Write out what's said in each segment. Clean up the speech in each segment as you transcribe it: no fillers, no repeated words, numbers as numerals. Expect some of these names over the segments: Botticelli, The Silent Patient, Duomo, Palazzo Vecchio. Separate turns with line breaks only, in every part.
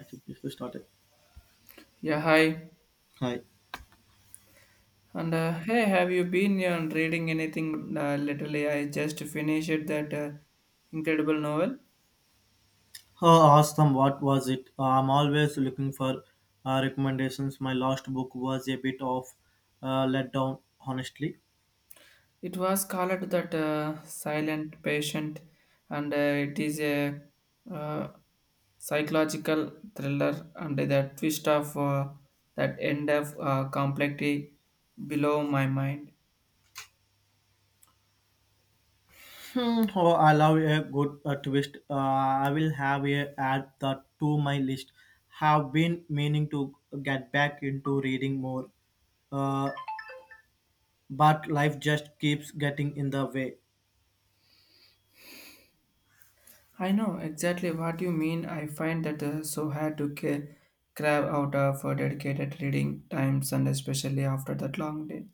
Actually, if we started.
Yeah, hi.
Hi.
And hey, have you been reading anything lately? I just finished that incredible novel.
Oh, awesome. What was it? I'm always looking for recommendations. My last book was a bit of letdown, honestly.
It was called that Silent Patient, and it is a uh, psychological thriller and the twist of that end of complexity below my mind.
Hmm. Oh, I love a good twist. I will have a add that to my list. Have been meaning to get back into reading more, uh, but life just keeps getting in the way.
I know exactly what you mean. I find that so hard to carve out of dedicated reading times and especially after that long day.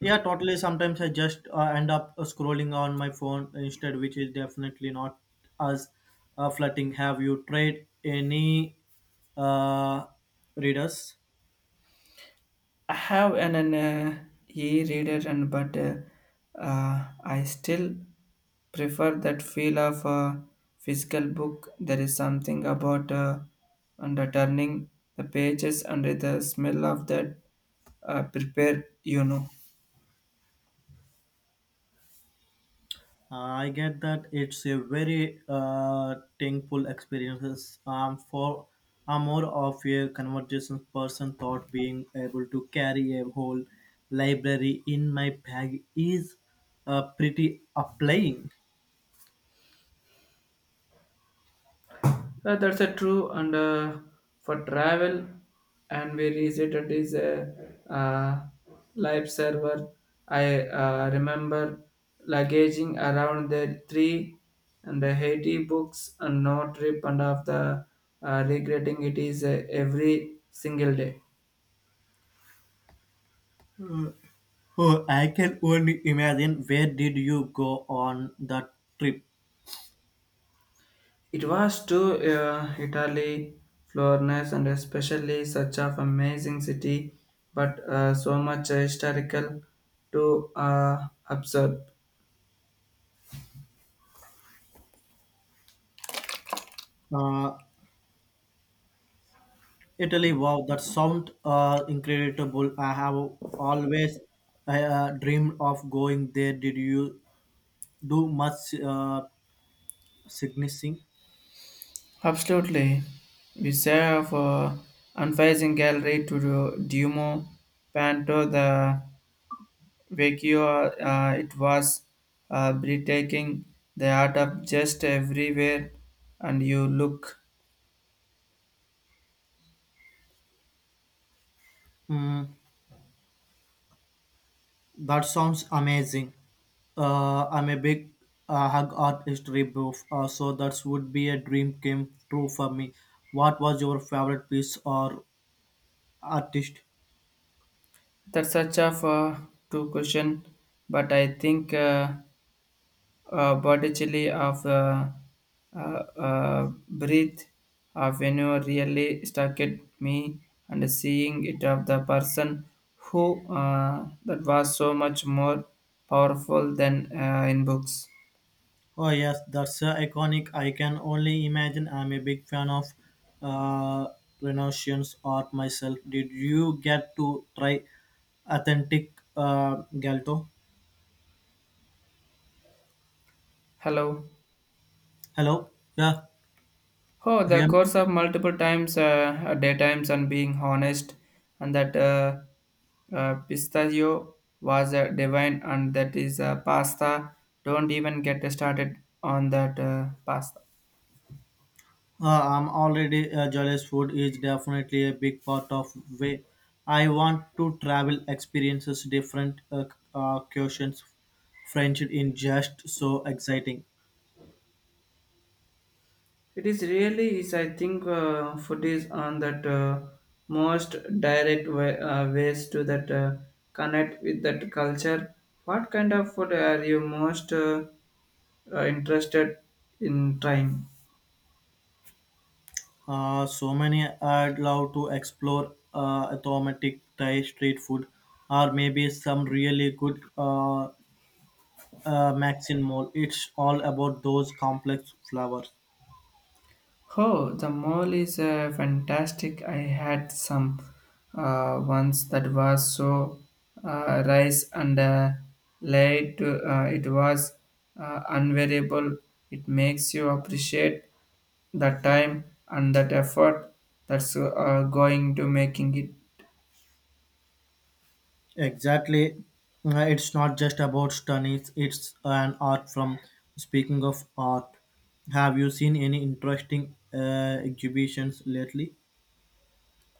Yeah, totally. Sometimes I just end up scrolling on my phone instead, which is definitely not as flirting. Have you tried any uh, readers?
I have an e-reader and but I still prefer that feel of a physical book. There is something about under turning the pages under the smell of that prepare.
I get that it's a very thankful experience. For I'm more of a conversation person, thought being able to carry a whole library in my bag is pretty applying.
That's a true and for travel and we visited is a uh, live server. I remember luggaging around the three and the Haiti books and no trip and of the regretting it is every single day.
Oh, I can only imagine. Where did you go on that trip?
It was to Italy, Florence and especially such of amazing city but so much historical to observe.
Uh, Italy. Wow, that sounds incredible. I have always dreamed of going there. Did you do much sightseeing?
Absolutely. We saw of unfazing gallery to the Duomo Panto the Vecchio. It was breathtaking. The art of just everywhere, and you look.
Mm, that sounds amazing. I'm a big hug art history buff, so that would be a dream came true for me. What was your favorite piece or artist?
That's such a two question, but I think. Botticelli of uh, breathe of when you really stuck at me and seeing it of the person who that was so much more powerful than in books.
Oh yes, that's iconic. I can only imagine. I'm a big fan of uh, Renaissance art myself. Did you get to try authentic galto?
Hello.
Hello, yeah,
Oh, the
yeah.
course of multiple times, daytimes, and being honest, and that pistachio was divine, and that is pasta. Don't even get started on that pasta.
I'm already jealous. Food is definitely a big part of way. I want to travel experiences different cuisines, French in just so exciting.
It is really is I think food is on that most direct way, ways to that connect with that culture. What kind of food are you most interested in trying?
So many I'd love to explore automatic Thai street food or maybe some really good Maxin mall. It's all about those complex flowers.
Oh, the mall is fantastic. I had some once that was so rice and late. It was unvariable. It makes you appreciate the time and that effort that's going to making it.
Exactly. It's not just about studies, it's an art from speaking of art. Have you seen any interesting exhibitions lately?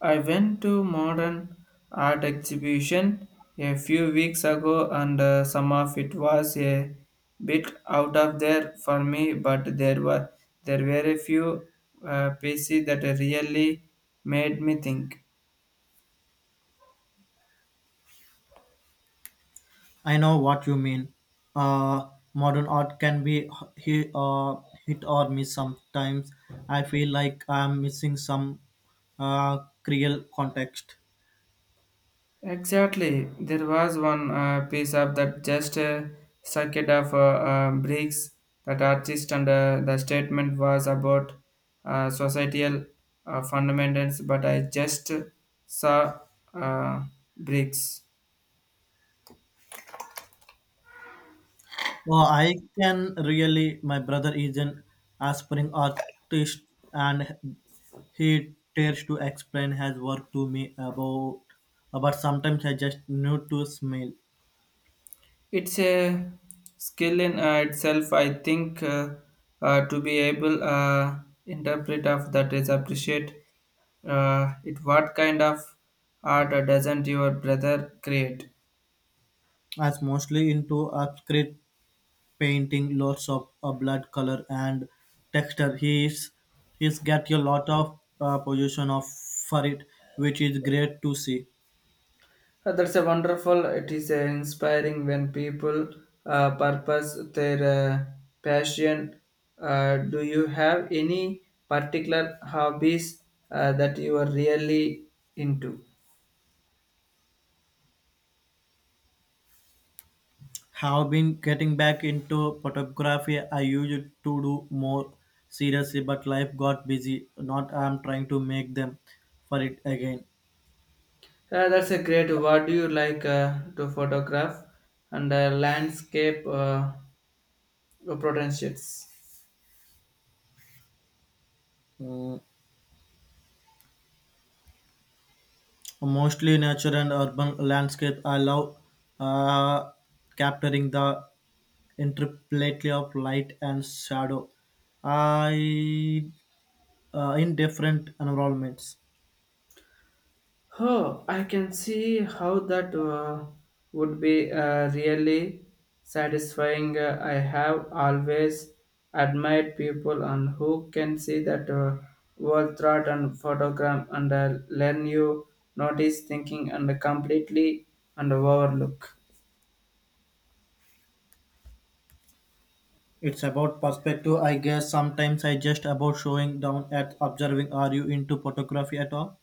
I went to modern art exhibition a few weeks ago and some of it was a bit out of there for me but there were a few pieces that really made me think.
I know what you mean. Modern art can be hit, uh, hit or miss sometimes. I feel like I'm missing some uh, real context.
Exactly. There was one piece of that just circuit of bricks that artist and the statement was about societal fundamentals, but I just saw uh, bricks.
Oh, I can really, my brother is an aspiring artist and he tries to explain his work to me about, but sometimes I just need to smile.
It's a skill in itself, I think, to be able interpret of that is appreciate it. What kind of art doesn't your brother create?
I'm mostly into abstract painting, lots of blood color and texture. He's get a lot of position of for it, which is great to see.
That's a wonderful. It is inspiring when people purpose their passion. Do you have any particular hobbies that you are really into?
Have been getting back into photography. I used to do more seriously, but life got busy. Not I'm trying to make them for it again.
That's a great. What do you like to photograph and landscape potentials?
Mm, mostly nature and urban landscape. I love uh, capturing the interplay of light and shadow. I in different environments.
Oh, I can see how that would be really satisfying. I have always admired people and who can see that world thought and photograph and learn you notice thinking and completely and overlook.
It's about perspective, I guess. Sometimes I just about showing down at observing. Are you into photography at all?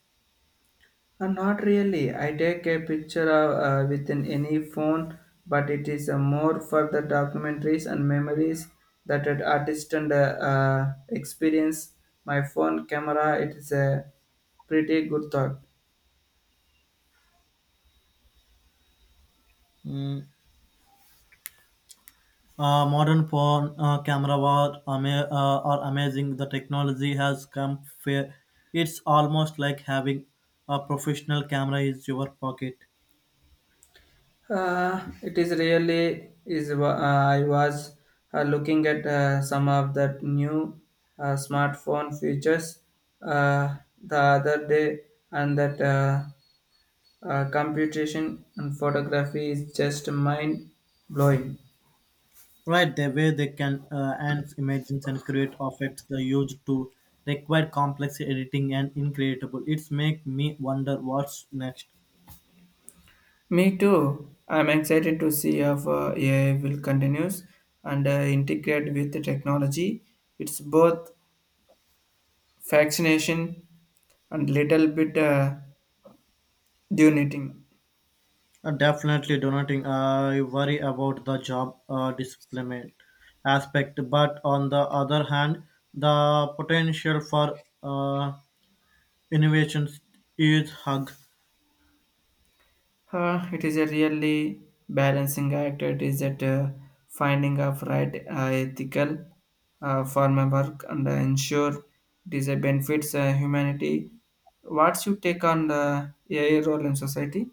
Not really. I take a picture of, within any phone, but it is more for the documentaries and memories that an artist and experience. My phone camera, it is a pretty good thought.
Mm. Modern phone are amazing. The technology has come fair. It's almost like having a professional camera in your pocket.
It is really is. I was looking at some of that new smartphone features uh, the other day, and that. Computation and photography is just mind blowing.
Right, the way they can enhance images and create effects they used to require complex editing and incredible. It's make me wonder what's next.
Me too. I'm excited to see how AI will continues and integrate with the technology. It's both fascination and little bit daunting.
Definitely donating. I worry about the job displacement aspect, but on the other hand, the potential for innovations is hug.
It is a really balancing act. It is at finding of right ethical for my work and ensure it is a benefits humanity. What's your take on the AI role in society?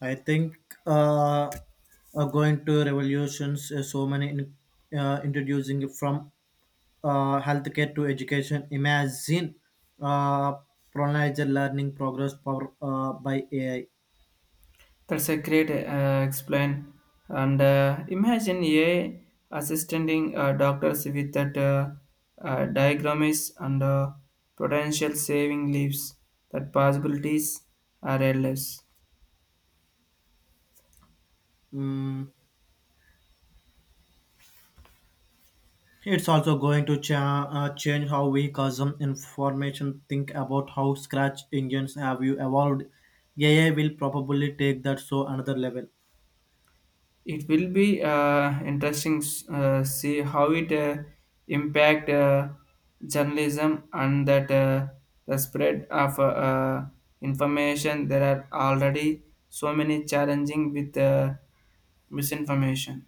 I think uh, are going to revolutions. So many in, introducing from healthcare to education. Imagine uh, personalized learning progress power by AI.
That's a great explain. And imagine AI assisting doctors with that diagrams and potential saving lives. That possibilities are endless.
Mm. It's also going to change how we consume information, think about how scratch engines have you evolved. AI will probably take that so another level.
It will be interesting see how it impact journalism and that the spread of information. There are already so many challenging with misinformation.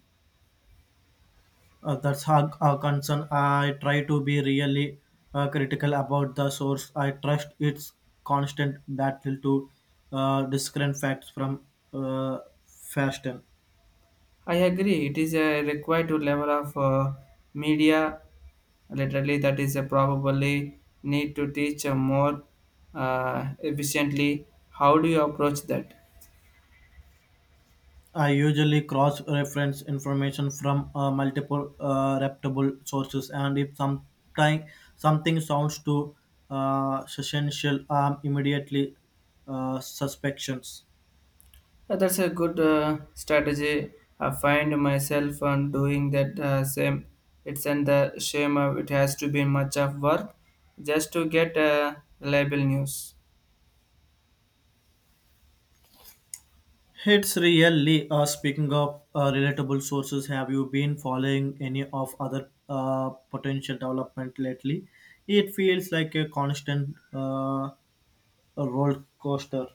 That's our concern. I try to be really critical about the source. I trust its constant battle to discern facts from uh, fashion.
I agree. It is a required to level of media. Literally, that is a probably need to teach more efficiently. How do you approach that?
I usually cross reference information from multiple reputable sources, and if sometime, something sounds too essential, I'm immediately suspections.
That's a good strategy. I find myself on doing that same. It's and the shame of it has to be much of work just to get reliable news.
It's really speaking of relatable sources. Have you been following any of other potential development lately? It feels like a constant roller coaster.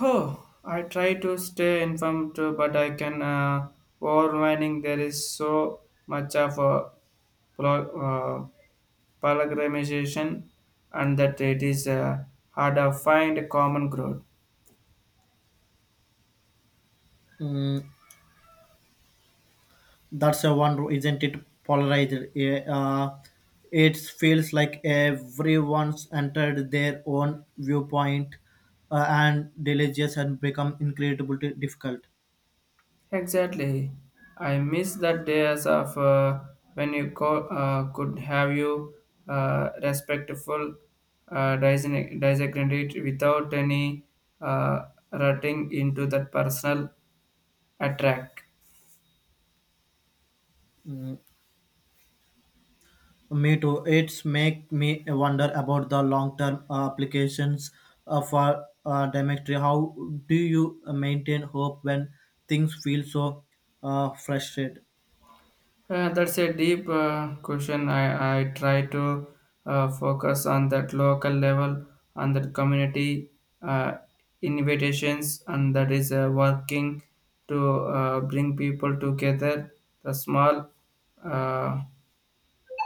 Oh, I try to stay informed, too, but I can overwhelming. There is so much of a pro- uh, programmation, and that it is hard to find a common ground.
Mm, that's a one, isn't it? Polarized. Yeah, it feels like everyone's entered their own viewpoint and religious and become incredibly difficult.
Exactly. I miss that days of when you could have you respectful disagreement without any uh, rutting into that personal attack.
Mm, me too. It's make me wonder about the long term applications for Demetri. How do you maintain hope when things feel so frustrated?
That's a deep question. I try to focus on that local level, on that community uh, invitations, and that is working to bring people together. The small uh,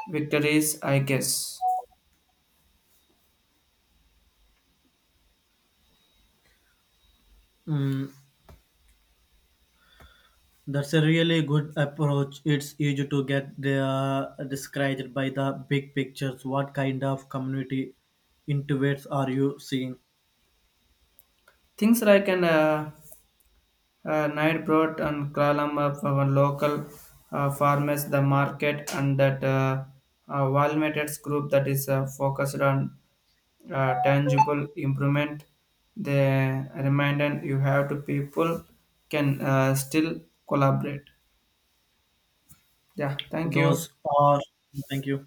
victories, I guess.
Mm. That's a really good approach. It's easy to get the, discouraged by the big pictures. What kind of community interviews are you seeing?
Things like an night brought and column of our local farmers, the market, and that Walmetters group that is focused on. Tangible improvement the reminder you have to people can still collaborate. Yeah, thank you.
Those are. Thank you.